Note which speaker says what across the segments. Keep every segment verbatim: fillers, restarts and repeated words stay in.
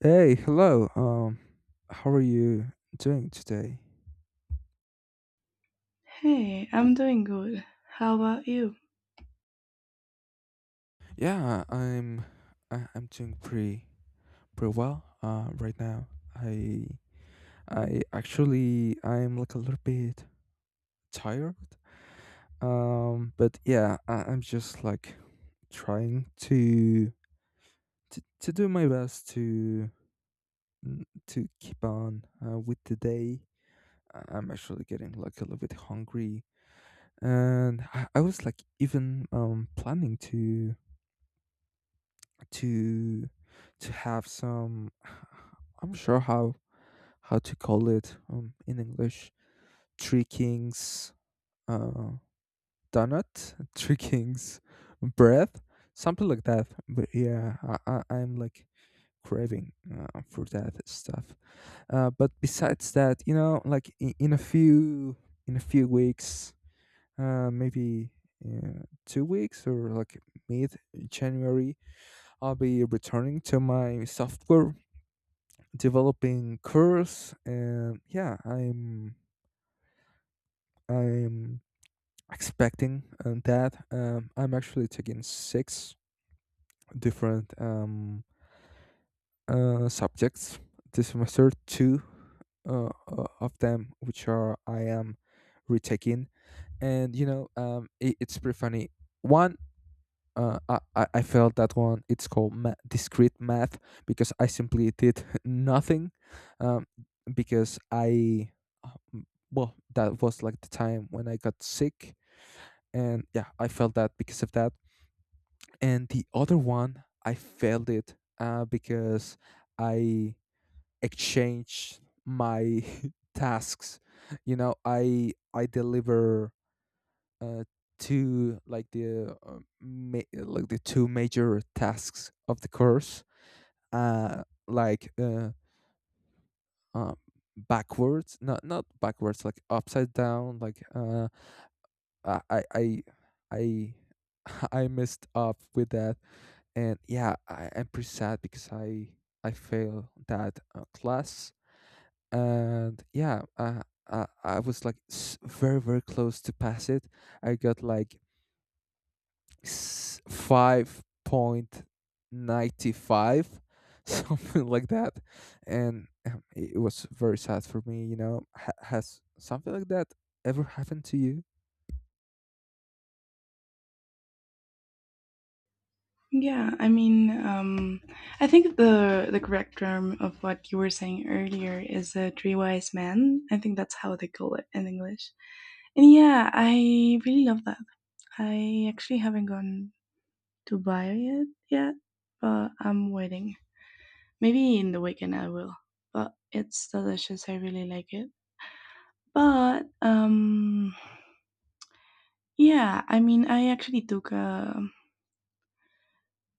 Speaker 1: Hey, hello. Um, how are you doing today?
Speaker 2: Hey, I'm doing good. How about you?
Speaker 1: Yeah, I'm I, I'm doing pretty pretty well. Uh, right now, I I actually I'm like a little bit tired. Um, but yeah, I, I'm just like trying to, to to do my best to n- to keep on uh, with the day. I- I'm actually getting like a little bit hungry, and I, I was like even um planning to to to have some I'm sure how how to call it um, in english three kings uh donut three kings breath something like that but yeah i, I i'm like craving uh, for that stuff. Uh but besides that, you know, like in, in a few in a few weeks, uh maybe uh, two weeks or like mid january, I'll be returning to my software developing curves and yeah i'm i'm expecting uh, that um, I'm actually taking six different um, uh, subjects this semester. Two uh, uh, of them, which are I am retaking. And you know, um, it, it's pretty funny. One uh, I, I I failed that one. It's called ma- discrete math because I simply did nothing, um, because I, um, well, that was like the time when I got sick, and yeah, I failed that because of that. And the other one, I failed it uh, because I exchanged my tasks. You know, I I deliver uh, two, like the uh, ma- like the two major tasks of the course, uh like uh, uh backwards. Not not backwards, like upside down. Like uh I I I I I messed up with that, and yeah I, I'm pretty sad because i I failed that uh, class. And yeah uh, I, I was like s- very very close to pass it. I got like five point nine five, something like that. And um, it it was very sad for me, you know. Ha- has something like that ever happened to you?
Speaker 2: Yeah, I mean, um, I think the the correct term of what you were saying earlier is a three wise men. I think that's how they call it in English. And yeah, I really love that. I actually haven't gone to buy it yet, but I'm waiting. Maybe in the weekend I will. But it's delicious. I really like it. But um, yeah, I mean, I actually took a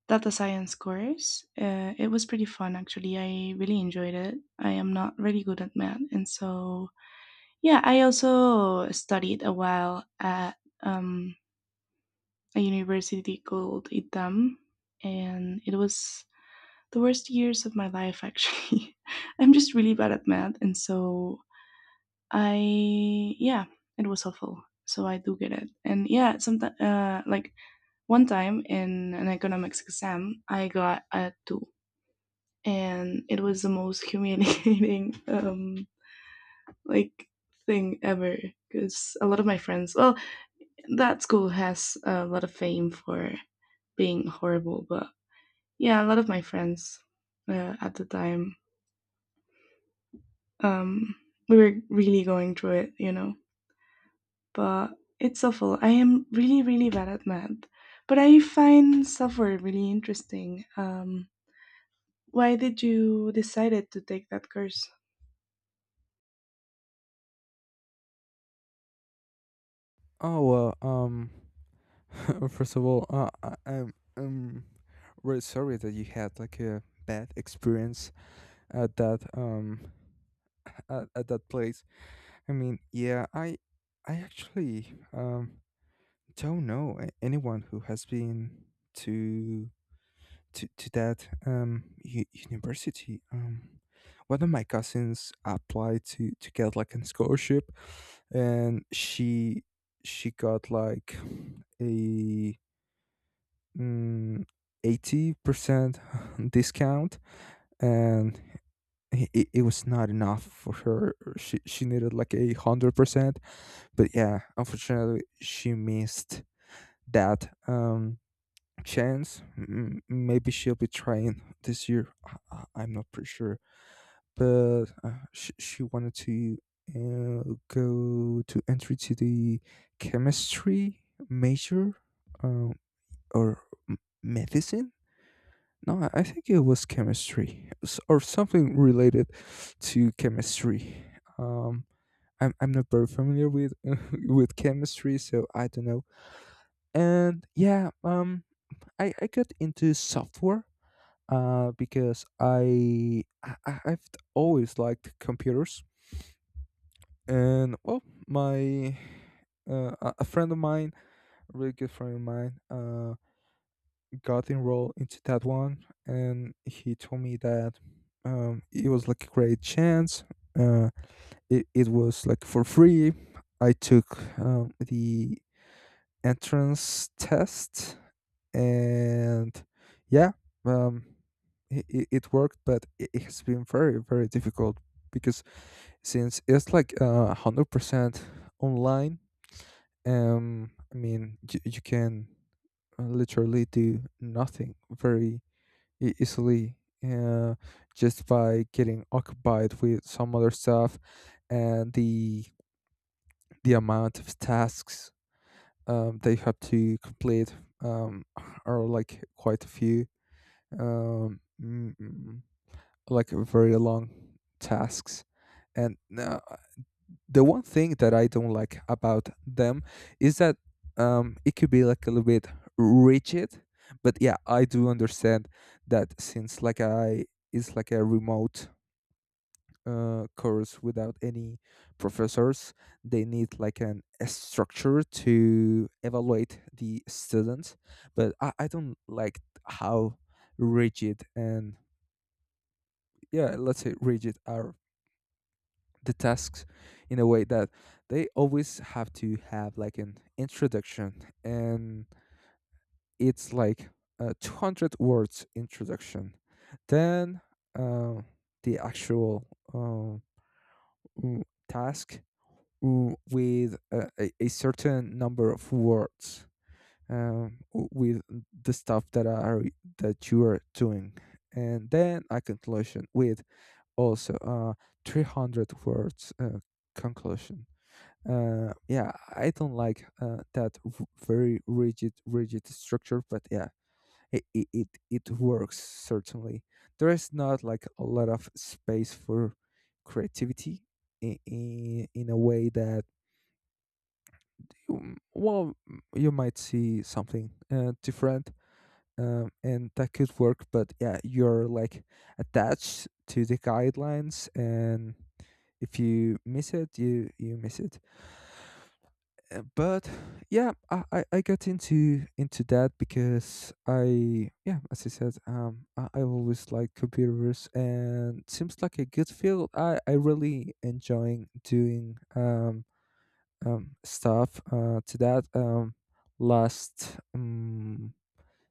Speaker 2: data science course. Uh, it was pretty fun, actually. I really enjoyed it. I am not really good at math, and so yeah, I also studied a while at um, a university called ITAM, and it was the worst years of my life. Actually, I'm just really bad at math, and so I yeah, it was awful. So I do get it, and yeah, sometimes uh, like one time in an economics exam, I got a two, and it was the most humiliating um like thing ever, because a lot of my friends, well, that school has a lot of fame for being horrible. But yeah, a lot of my friends, uh, at the time, um we were really going through it, you know. But it's awful. I am really really bad at math, but I find software really interesting. Um why did you decided to take that course?
Speaker 1: Oh, well um first of all, uh, I- i'm I'm really sorry that you had like a bad experience at that um at, at that place. I mean, yeah i i actually um don't know a- anyone who has been to to, to that um, u- university. Um, one of my cousins applied to, to get like an scholarship, and she she got like a mm, eighty percent discount, and it it was not enough for her. She she needed like a hundred percent, but yeah, unfortunately, she missed that. Um, chance. M- maybe she'll be trying this year. I- I- I'm not pretty sure, but uh, she she wanted to uh, go to entry to the chemistry major, um, or m- medicine. No, I I think it was chemistry, s- or something related to chemistry. Um, I'm I'm not very familiar with with chemistry, so I don't know. And yeah, um, I I got into software uh, because I, I I- I've always liked computers, and well, my uh, a a friend of mine, a really good friend of mine, uh, got enrolled into that one, and he told me that um, it was like a great chance. Uh, it it was like for free. I took um, the entrance test, and yeah um it, it, it worked, but it, it has been very very difficult because since it's like uh, one hundred percent online. Um i mean you, you can uh, literally do nothing very e- easily, uh, just by getting occupied with some other stuff. And the the amount of tasks um, they have to complete, um, are like quite a few, um, mm, mm, like very long tasks. And uh, the one thing that I don't like about them is that, um, it could be like a little bit rigid. But yeah, I do understand that since like I it's like a remote uh, course without any professors, they need like an a structure to evaluate the students. But I, I don't like how rigid and yeah, let's say rigid, are the tasks, in a way that they always have to have like an introduction, and it's like a two hundred words introduction, then uh, the actual uh, mm, task, mm, with a, a a certain number of words, um, w- with the stuff that are that you are doing, and then a conclusion with also, uh, three hundred words uh, conclusion. Uh, yeah, I don't like uh, that v- very rigid, rigid structure, but yeah, it, it, it, it works certainly. There is not like a lot of space for creativity, in, in, in a way that, um, well, you might see something uh, different, um, and that could work, but yeah, you're like attached to the guidelines, and if you miss it, you you miss it. Uh, but yeah I, I i got into into that because I yeah as I said, um i, I always like computers and seems like a good field. i I really enjoying doing um um stuff uh to that um last um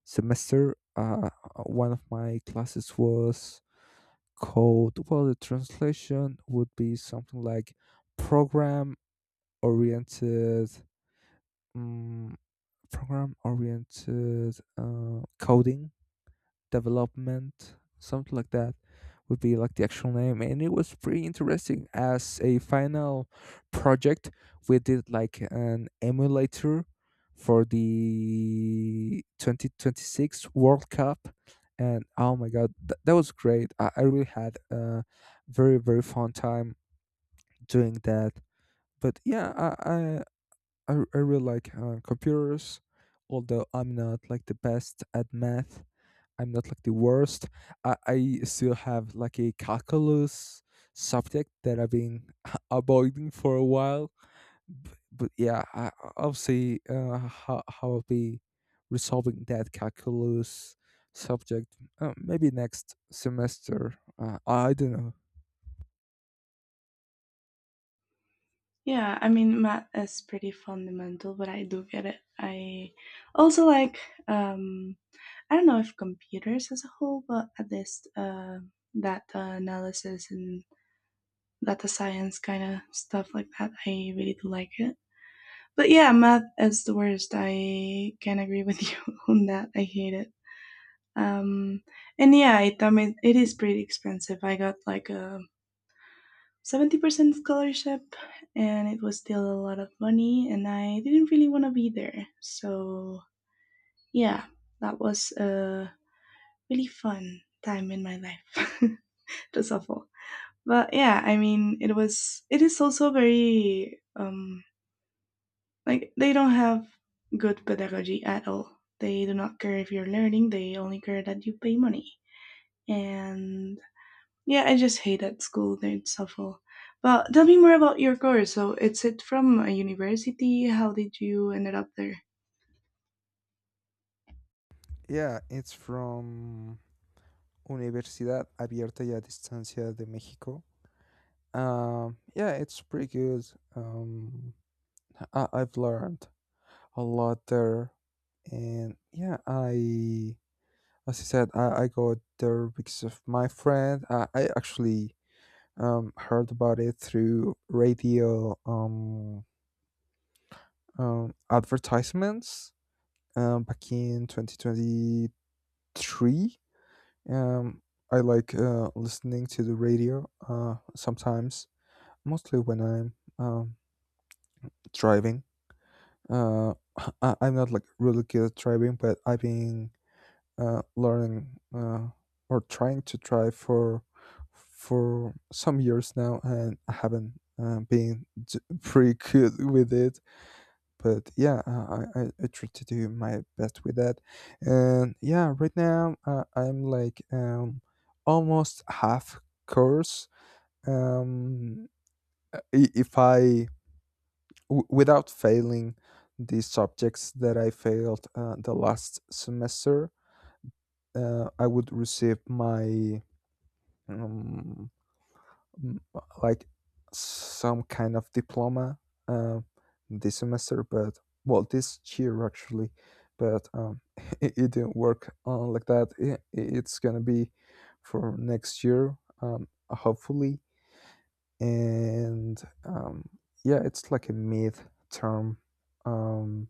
Speaker 1: semester. Uh one of my classes was called, well, the translation would be something like program oriented, mm program oriented uh, coding development, something like that would be like the actual name, and it was pretty interesting. As a final project, we did like an emulator for the twenty twenty-six world cup, and oh my god, th- that was great. I, I really had a very very fun time doing that. But yeah I, I I, I really like uh, computers, although I'm not like the best at math. I'm not like the worst. I, I still have like a calculus subject that I've been avoiding for a while. But, but yeah, I, I- I'll see uh, how, how I'll be resolving that calculus subject. Uh, maybe next semester. Uh, I don't know.
Speaker 2: Yeah, I mean, math is pretty fundamental, but I do get it. I also like, um, I don't know if computers as a whole, but at least uh, data analysis and data science kind of stuff like that, I really do like it. But yeah, math is the worst. I can agree with you on that. I hate it. Um, and yeah, it, I mean, it is pretty expensive. I got like a seventy percent scholarship, and it was still a lot of money, and I didn't really want to be there. So, yeah, that was a really fun time in my life. It was awful. But yeah, I mean, it was it is also very um like they don't have good pedagogy at all. They do not care if you're learning, they only care that you pay money. And yeah, I just hate at school. It's awful. Well, tell me more about your course. So, it's it from a university? How did you ended up there?
Speaker 1: Yeah, it's from Universidad Abierta y a Distancia de México. Um, yeah, it's pretty good. Um, I, I've learned a lot there, and yeah, I, as I said, I, I got there because of my friend. I, I actually um heard about it through radio um um advertisements um back in twenty twenty three. Um, I like uh listening to the radio uh sometimes, mostly when I'm um driving. uh I, i'm not like really good at driving, but I've been uh learning uh or trying to drive for for some years now, and i haven't uh, been d- pretty good with it. But yeah uh, I, I i try to do my best with that. And yeah, right now, uh, i'm like um almost half course. um i- if i w- without failing the subjects that I failed uh, the last semester, uh, I would receive my um, m- like some kind of diploma uh, this semester, but, well, this year actually, but um, it, it didn't work uh, like that. It, it's gonna be for next year, um, hopefully, and, um, yeah, it's like a mid term. Um,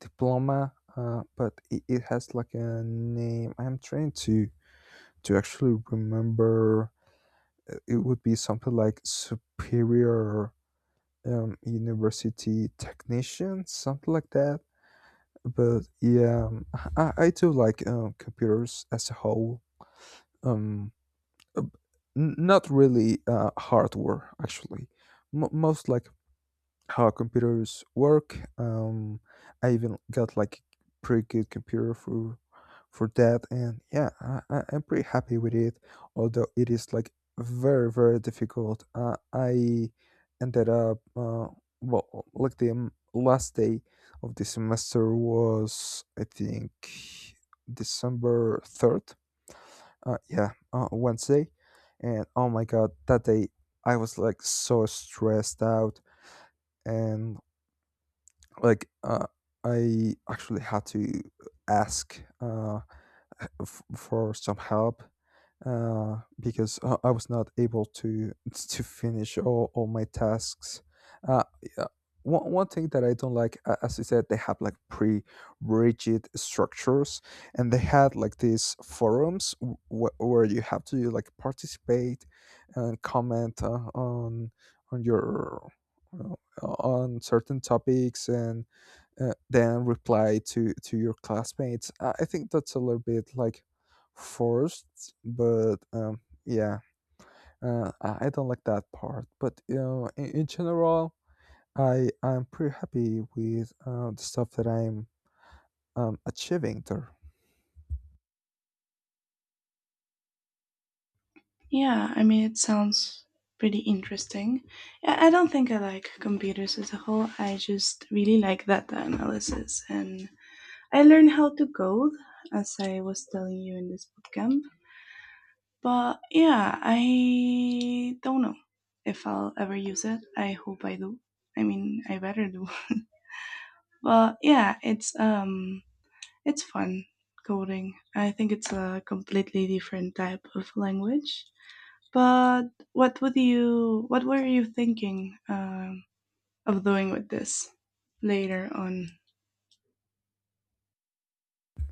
Speaker 1: Diploma, uh, but it, it has like a name. I'm trying to to actually remember. Uh, It would be something like superior, um, university technician, something like that. But yeah, um, I, I do like um, computers as a whole. Um, uh, n- Not really uh, hardware actually. M- most like how computers work. Um, I even got like a pretty good computer for for that, and yeah, I, I- I'm pretty happy with it. Although it is like very very difficult. Uh, I ended up uh, well, like the um, last day of the semester was, I think, December third. Uh, yeah, uh, Wednesday, and oh my god, that day I was like so stressed out, and like, uh, I actually had to ask uh, f- for some help uh, because uh, I was not able to to finish all, all my tasks. Uh, yeah, One, one thing that I don't like, uh, as you said, they have like pre rigid structures, and they had like these forums w- wh- where you have to like participate and comment uh, on on your, uh, on certain topics, and uh, then reply to to your classmates. I I think that's a little bit like forced, but um, yeah, uh, I I don't like that part. But you know, in, in general, I I'm pretty happy with uh, the stuff that I'm um, achieving there.
Speaker 2: Yeah, I mean, it sounds pretty interesting. Yeah, I don't think I like computers as a whole. I just really like data analysis, and I learned how to code, as I was telling you in this bootcamp. But yeah, I don't know if I'll ever use it. I hope I do. I mean, I better do. But yeah, it's um it's fun coding. I think it's a completely different type of language. But what would you what were you thinking um, of doing with this later on?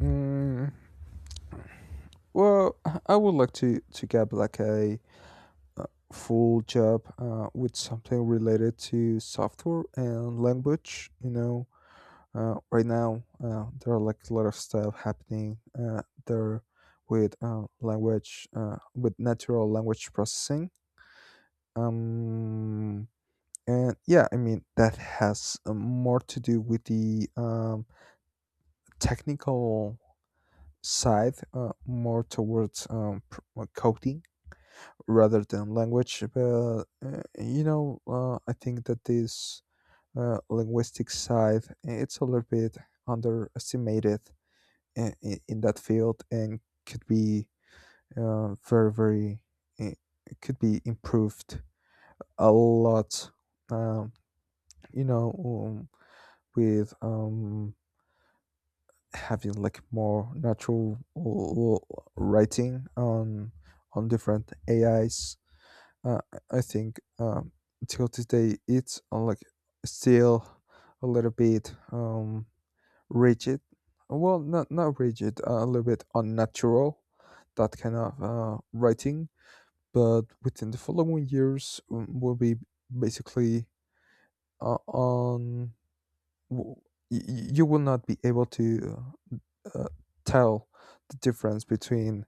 Speaker 1: Mm, well, I I would like to to get like a, uh, full job uh, with something related to software and language. You know, uh, right now, uh, there are like a lot of stuff happening uh, there with uh, language, uh, with natural language processing. um, and yeah, I mean that has uh, more to do with the um, technical side, uh, more towards um, pr- uh, coding rather than language. But uh, you know uh, I think that this uh, linguistic side, it's a little bit underestimated in, in that field, and could be uh, very very it could be improved a lot um, you know um, with um, having like more natural l- l- writing on on different ais. Uh, i think um, till today it's uh, like still a little bit um, rigid. Well, not not rigid, uh, a little bit unnatural, that kind of uh, writing. But within the following years, um, will be basically uh, on. w- y- y- You will not be able to uh, tell the difference between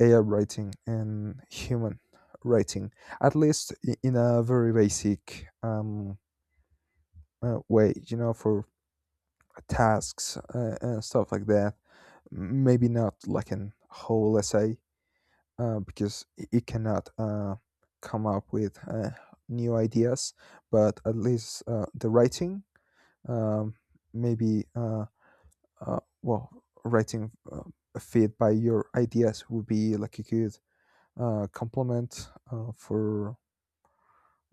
Speaker 1: A I writing and human writing, at least i- in a very basic um, uh, way. You know, for tasks uh, and stuff like that. Maybe not like an whole essay, uh, because it it cannot uh, come up with uh, new ideas, but at least uh, the writing, um, maybe, uh, uh, well, writing uh, a feed by your ideas would be like a good uh, complement uh, for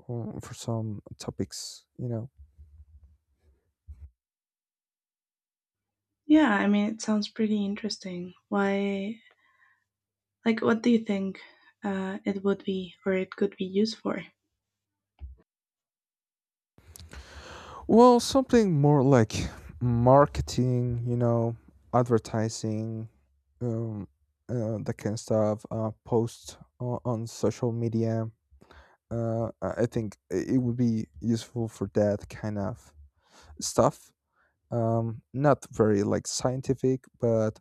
Speaker 1: um, for some topics, you know.
Speaker 2: Yeah, I mean, it sounds pretty interesting. Why, like, what do you think uh, it would be or it could be used for?
Speaker 1: Well, something more like marketing, you know, advertising, um, uh, that kind of stuff. Uh, post on, on social media. Uh, I I think it would be useful for that kind of stuff. Um, not very like scientific, but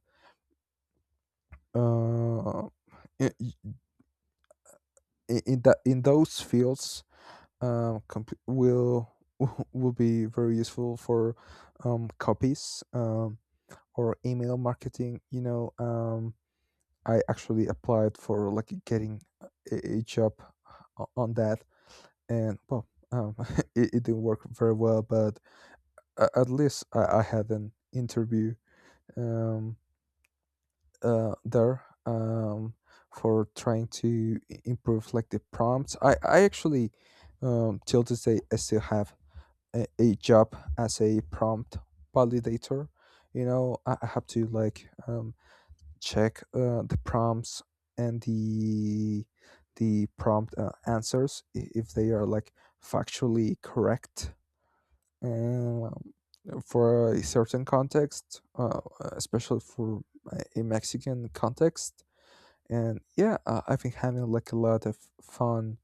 Speaker 1: uh, in, in that in those fields, um, comp- will will be very useful for um copies. Um, or email marketing, you know. Um, i actually applied for like getting a, a job o- on that. And well, um, it, it didn't work very well, but a- at least i, I had an interview um, uh, there, um, for trying to i- improve like the prompts. I, I actually um, Till this day I still have a, a job as a prompt validator. You know, i I have to like um, check uh, the prompts and the the prompt uh, answers, i- if they are like factually correct, um, for a certain context, uh, especially for a a Mexican context. And yeah, uh, I've been having like a lot of fun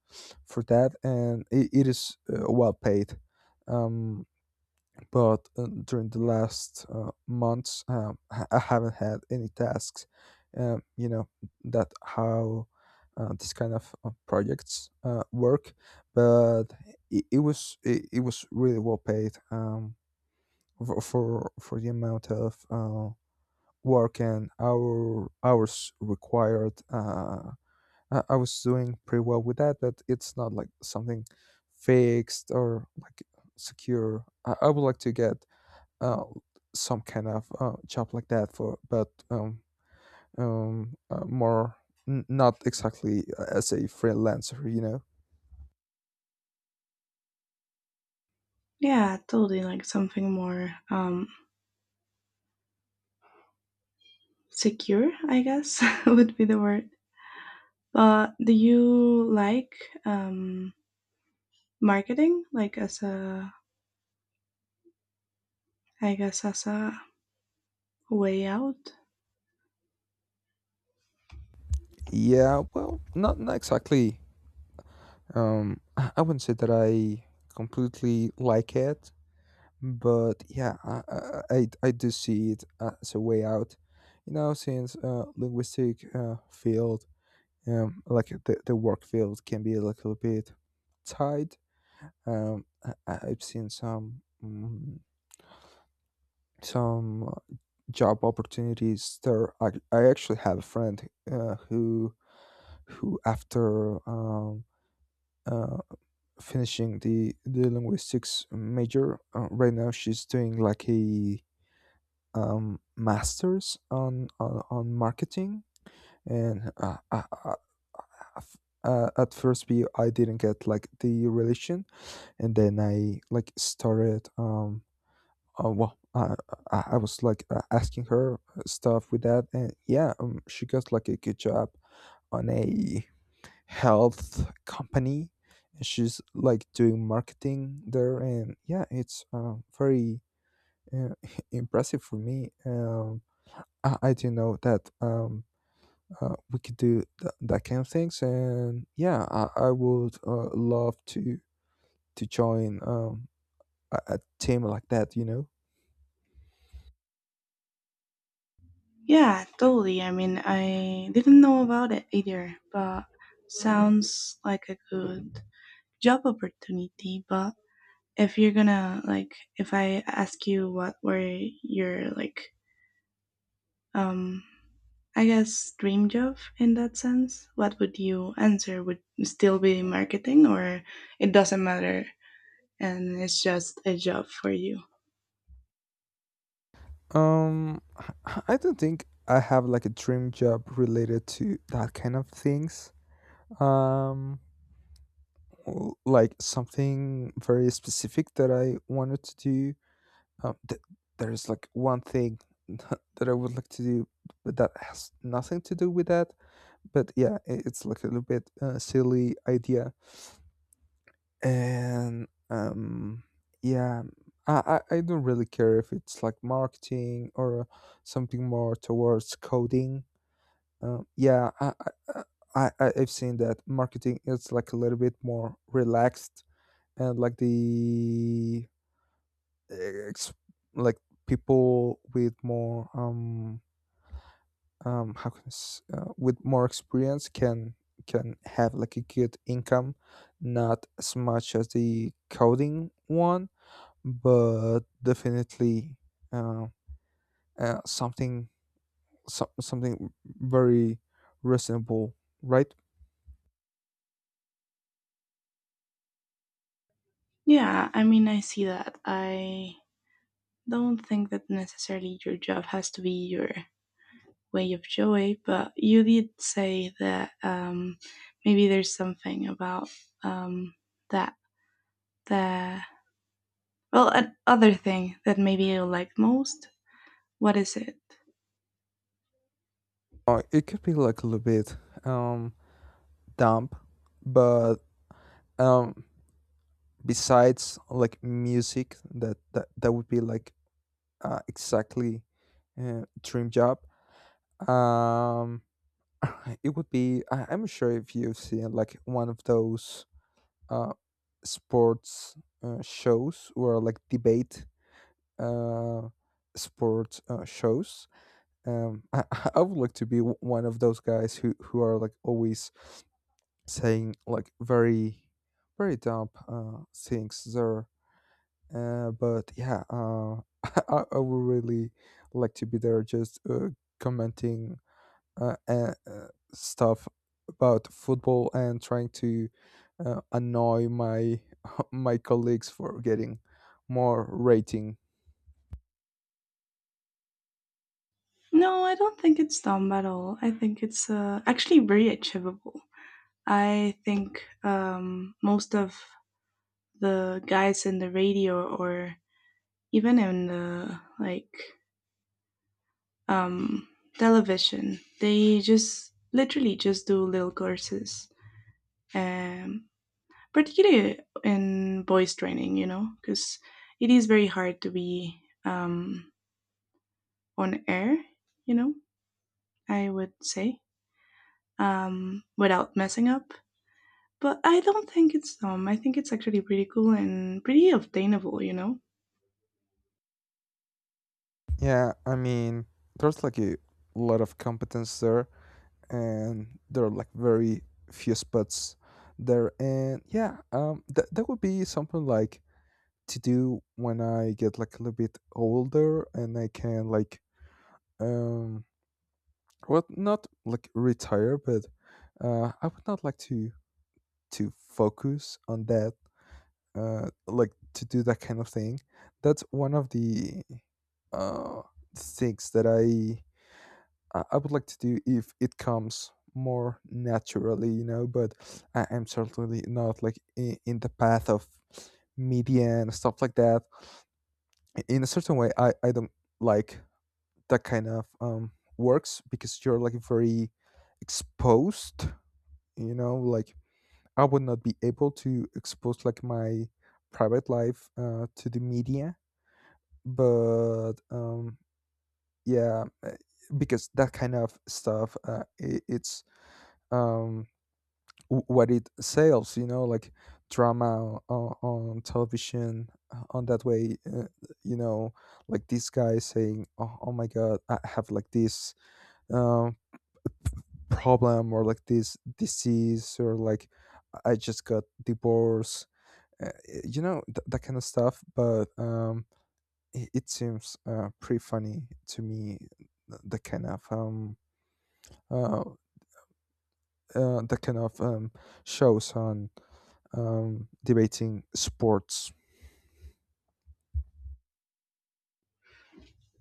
Speaker 1: for that, and it, it is uh, well paid. Um, but uh, during the last uh, months, um, I I haven't had any tasks. Um, you know that how uh, this kind of uh, projects uh, work, but it, it was it, it was really well paid, um, for for, for the amount of uh, work and hour hours required. Uh, I, I was doing pretty well with that, but it's not like something fixed or like secure. I, I would like to get uh, some kind of uh, job like that for but um, um, uh, more n- not exactly uh, as a freelancer, you know.
Speaker 2: Yeah, totally, like something more um secure, I guess, would be the word. But do you like um marketing, like as a I guess that's a way out.
Speaker 1: Yeah, well, not, not exactly. Um, i i wouldn't say that I completely like it, but yeah, i, I, I I do see it as a way out, you know, since uh, linguistic uh, field, um, like the, the work field can be a little bit tight. um, I, I- I've seen some Mm, some job opportunities there. I, I actually have a friend uh, who who after um, uh, finishing the the linguistics major. Uh, right now she's doing like a um, masters on, on on marketing. And uh, I, I, I f- uh, at first we I didn't get like the relation, and then I like started um oh well, I I I was like uh, asking her stuff with that. And yeah, um, she got like a good job on a health company, and she's like doing marketing there. And yeah, it's uh, very uh, impressive for me. Um, I, I didn't know that um uh, we could do th- that kind of things, and yeah, I I would uh, love to to join um a, a team like that, you know.
Speaker 2: Yeah, totally. I mean, I didn't know about it either, but sounds like a good job opportunity. But if you're gonna like, if I ask you what were your like um, I guess dream job in that sense. What would you answer? Would still be marketing, or it doesn't matter, and it's just a job for you?
Speaker 1: Um, I I don't think I have like a dream job related to that kind of things. Um, l- like something very specific that I wanted to do. Um, th- there is like one thing that I would like to do, but that has nothing to do with that. But yeah, i- it's like a little bit uh, silly idea. And um, yeah, I I I don't really care if it's like marketing or something more towards coding. Um, yeah, I, I, I, I- I've seen that marketing is like a little bit more relaxed, and like the ex- like people with more um um how can I s- uh, with more experience can can have like a good income, not as much as the coding one, but definitely uh, uh something, so, something very reasonable, right?
Speaker 2: Yeah, I mean, I see that. I don't think that necessarily your job has to be your way of joy, but you did say that um, maybe there's something about um, that that well, an other thing that maybe you like most. What is it?
Speaker 1: Uh, it could be like a little bit um damp, but um besides like music, that that, that would be like uh, exactly uh, dream job. Um, it would be I, I'm sure if you've seen like one of those uh sports uh, shows, or like debate uh sports uh, shows. Um, I, I would like to be w- one of those guys who who are like always saying like very, very dumb uh, things there. Uh, but yeah, uh, I, I would really like to be there, just uh, commenting uh, uh, uh, stuff about football and trying to uh, annoy my my colleagues for getting more rating.
Speaker 2: No, I don't think it's dumb at all. I think it's uh, actually very achievable. I think um, most of the guys in the radio or even in the like um, television. They just literally just do little courses, um, particularly in voice training, you know, because it is very hard to be um, on air, you know, I would say, um, without messing up. But I don't think it's dumb. I think it's actually pretty cool and pretty obtainable, you know?
Speaker 1: Yeah, I mean, there's like a lot of competence there, and there are like very few spots there. And yeah, um that, that would be something like to do when I get like a little bit older, and I can like um well, not like retire, but uh I would not like to to focus on that, uh like to do that kind of thing. That's one of the uh things that i I I would like to do if it comes more naturally, you know, but I am certainly not like in, in the path of media and stuff like that. In a certain way, I, I don't like that kind of um, works, because you're like very exposed, you know, like I would not be able to expose like my private life uh, to the media. But um, yeah, uh, because that kind of stuff, uh, i it's um w- what it sells, you know, like drama on, on television, uh, on that way. Uh, you know, like this guy saying, "Oh, oh my god, I have like this um, problem, or like this disease, or like i I just got divorced, uh, you know," th- that kind of stuff. But um it, it seems uh, pretty funny to me, th- the kind of um uh, uh the kind of um shows on um, debating sports.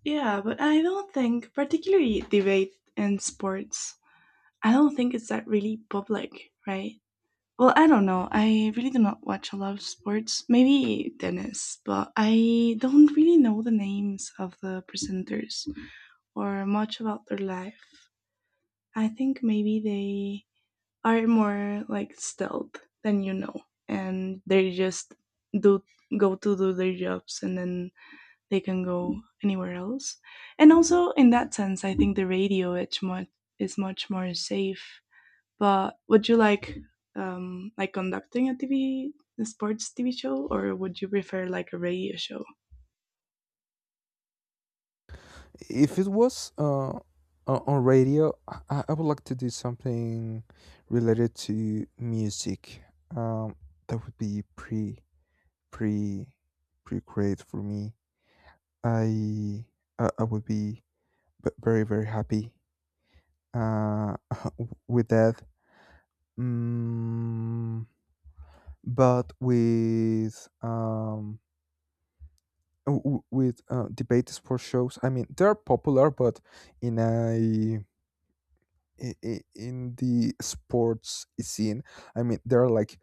Speaker 2: Yeah, but I don't think, particularly debate and sports, I don't think it's that really public, right? Well, I don't know. I really do not watch a lot of sports. Maybe tennis, but I don't really know the names of the presenters or much about their life. I think maybe they are more like stealth than, you know, and they just do go to do their jobs and then they can go anywhere else. And also in that sense, I think the radio it's much is much more safe. But would you like um, like conducting a T V a sports T V show, or would you prefer like a radio show?
Speaker 1: If it was uh, o- on radio, I, I would like to do something related to music. Um, that would be pretty, pretty, pretty great for me. I I, I would be b- very, very happy uh, with that. Mm, but with um, w- w- with uh, debate sports shows. I mean, they're popular, but in a i- i- in the sports scene. I mean, there are like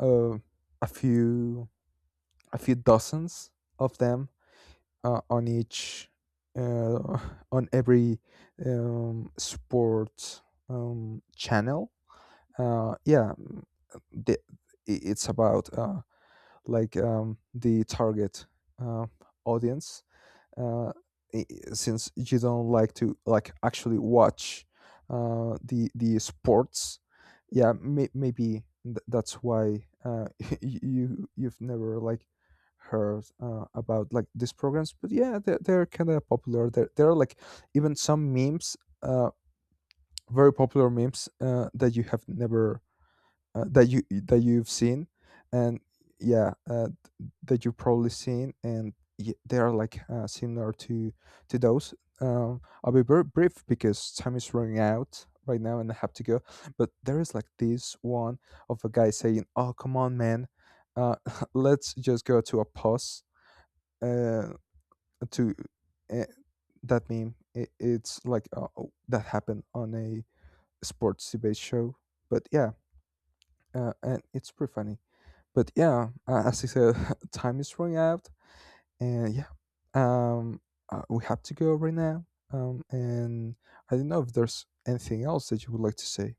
Speaker 1: uh, a few a few dozens of them uh, on each uh, on every um, sports um, channel. Uh, yeah, mm, the, i- it's about uh, like um, the target uh, audience. uh, i- since you don't like to like actually watch uh, the the sports, yeah, may, maybe th- that's why uh, y- you you've never like heard uh, about like these programs. But yeah, they're, they're kind of popular there, there, are like even some memes, uh, very popular memes, uh, that you have never uh, that you that you've seen, and yeah, uh, that you've probably seen, and y- they are like uh, similar to to those. Um, I'll be very brief because time is running out right now, and I have to go. But there is like this one of a guy saying, "Oh, come on, man, uh, let's just go to a pause." Uh, to uh, that meme, it, it's like uh, oh, that happened on a sports debate show. But yeah, uh, and it's pretty funny. But yeah, uh, as I said, time is running out. And yeah, um, uh, we have to go right now. Um, and I don't know if there's anything else that you would like to say.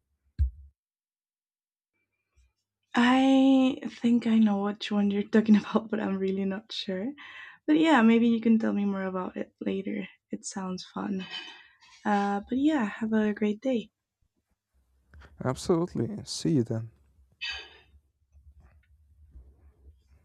Speaker 2: I think I know which one you're talking about, but I'm really not sure. But yeah, maybe you can tell me more about it later. It sounds fun. Uh, but yeah, have a great day.
Speaker 1: Absolutely. See you then.